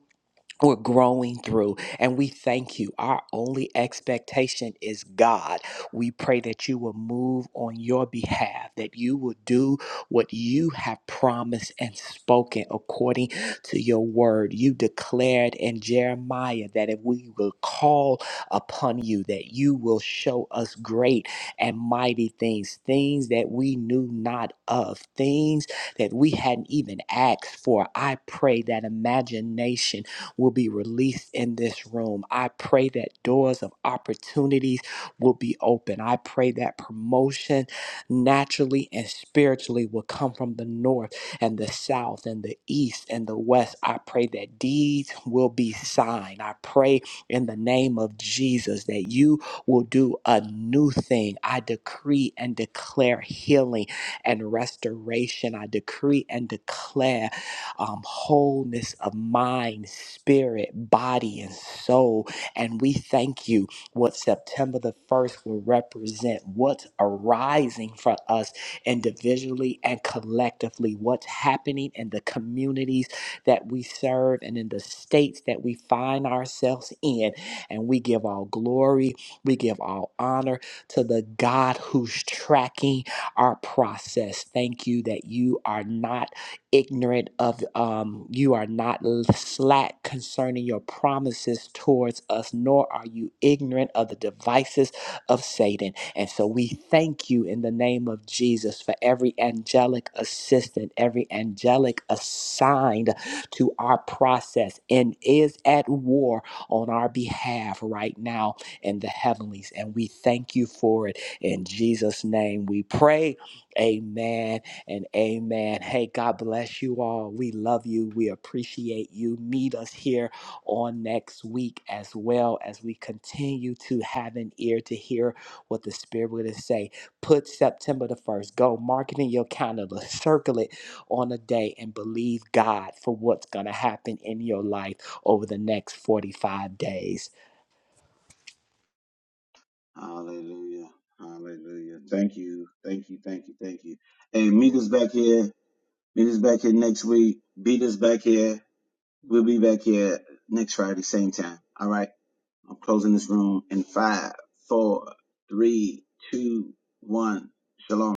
we're growing through and we thank you our only expectation is god we pray that you will move on your behalf that you will do what you have promised and spoken according to your word you declared in jeremiah that if we will call upon you that you will show us great and mighty things things that we knew not of things that we hadn't even asked for i pray that imagination will be released in this room. I pray that doors of opportunities will be open. I pray that promotion naturally and spiritually will come from the north and the south and the east and the west. I pray that deeds will be signed. I pray in the name of Jesus that you will do a new thing. I decree and declare healing and restoration. I decree and declare um, wholeness of mind, spirit, body, and soul. And we thank you what September the 1st will represent, what's arising for us individually and collectively, what's happening in the communities that we serve and in the states that we find ourselves in. And we give all glory, we give all honor to the God who's tracking our process. Thank you that you are not ignorant of um, you are not slack concerning your promises towards us nor are you ignorant of the devices of satan and so we thank you in the name of jesus for every angelic assistant every angelic assigned to our process and is at war on our behalf right now in the heavenlies and we thank you for it in jesus name we pray amen and amen. Hey, God bless you all. We love you. We appreciate you. Meet us here on next week as well as we continue to have an ear to hear what the Spirit would say. Put September the 1st, go mark it in your calendar, circle it on a day, and believe God for what's going to happen in your life over the next 45 days.
*laughs* Hallelujah, Hallelujah. Thank you, thank you, thank you, thank you. And meet us back here. Meet us back here next week. Beat us back here. We'll be back here next Friday, same time. All right. I'm closing this room in five, four, three, two, one. Shalom.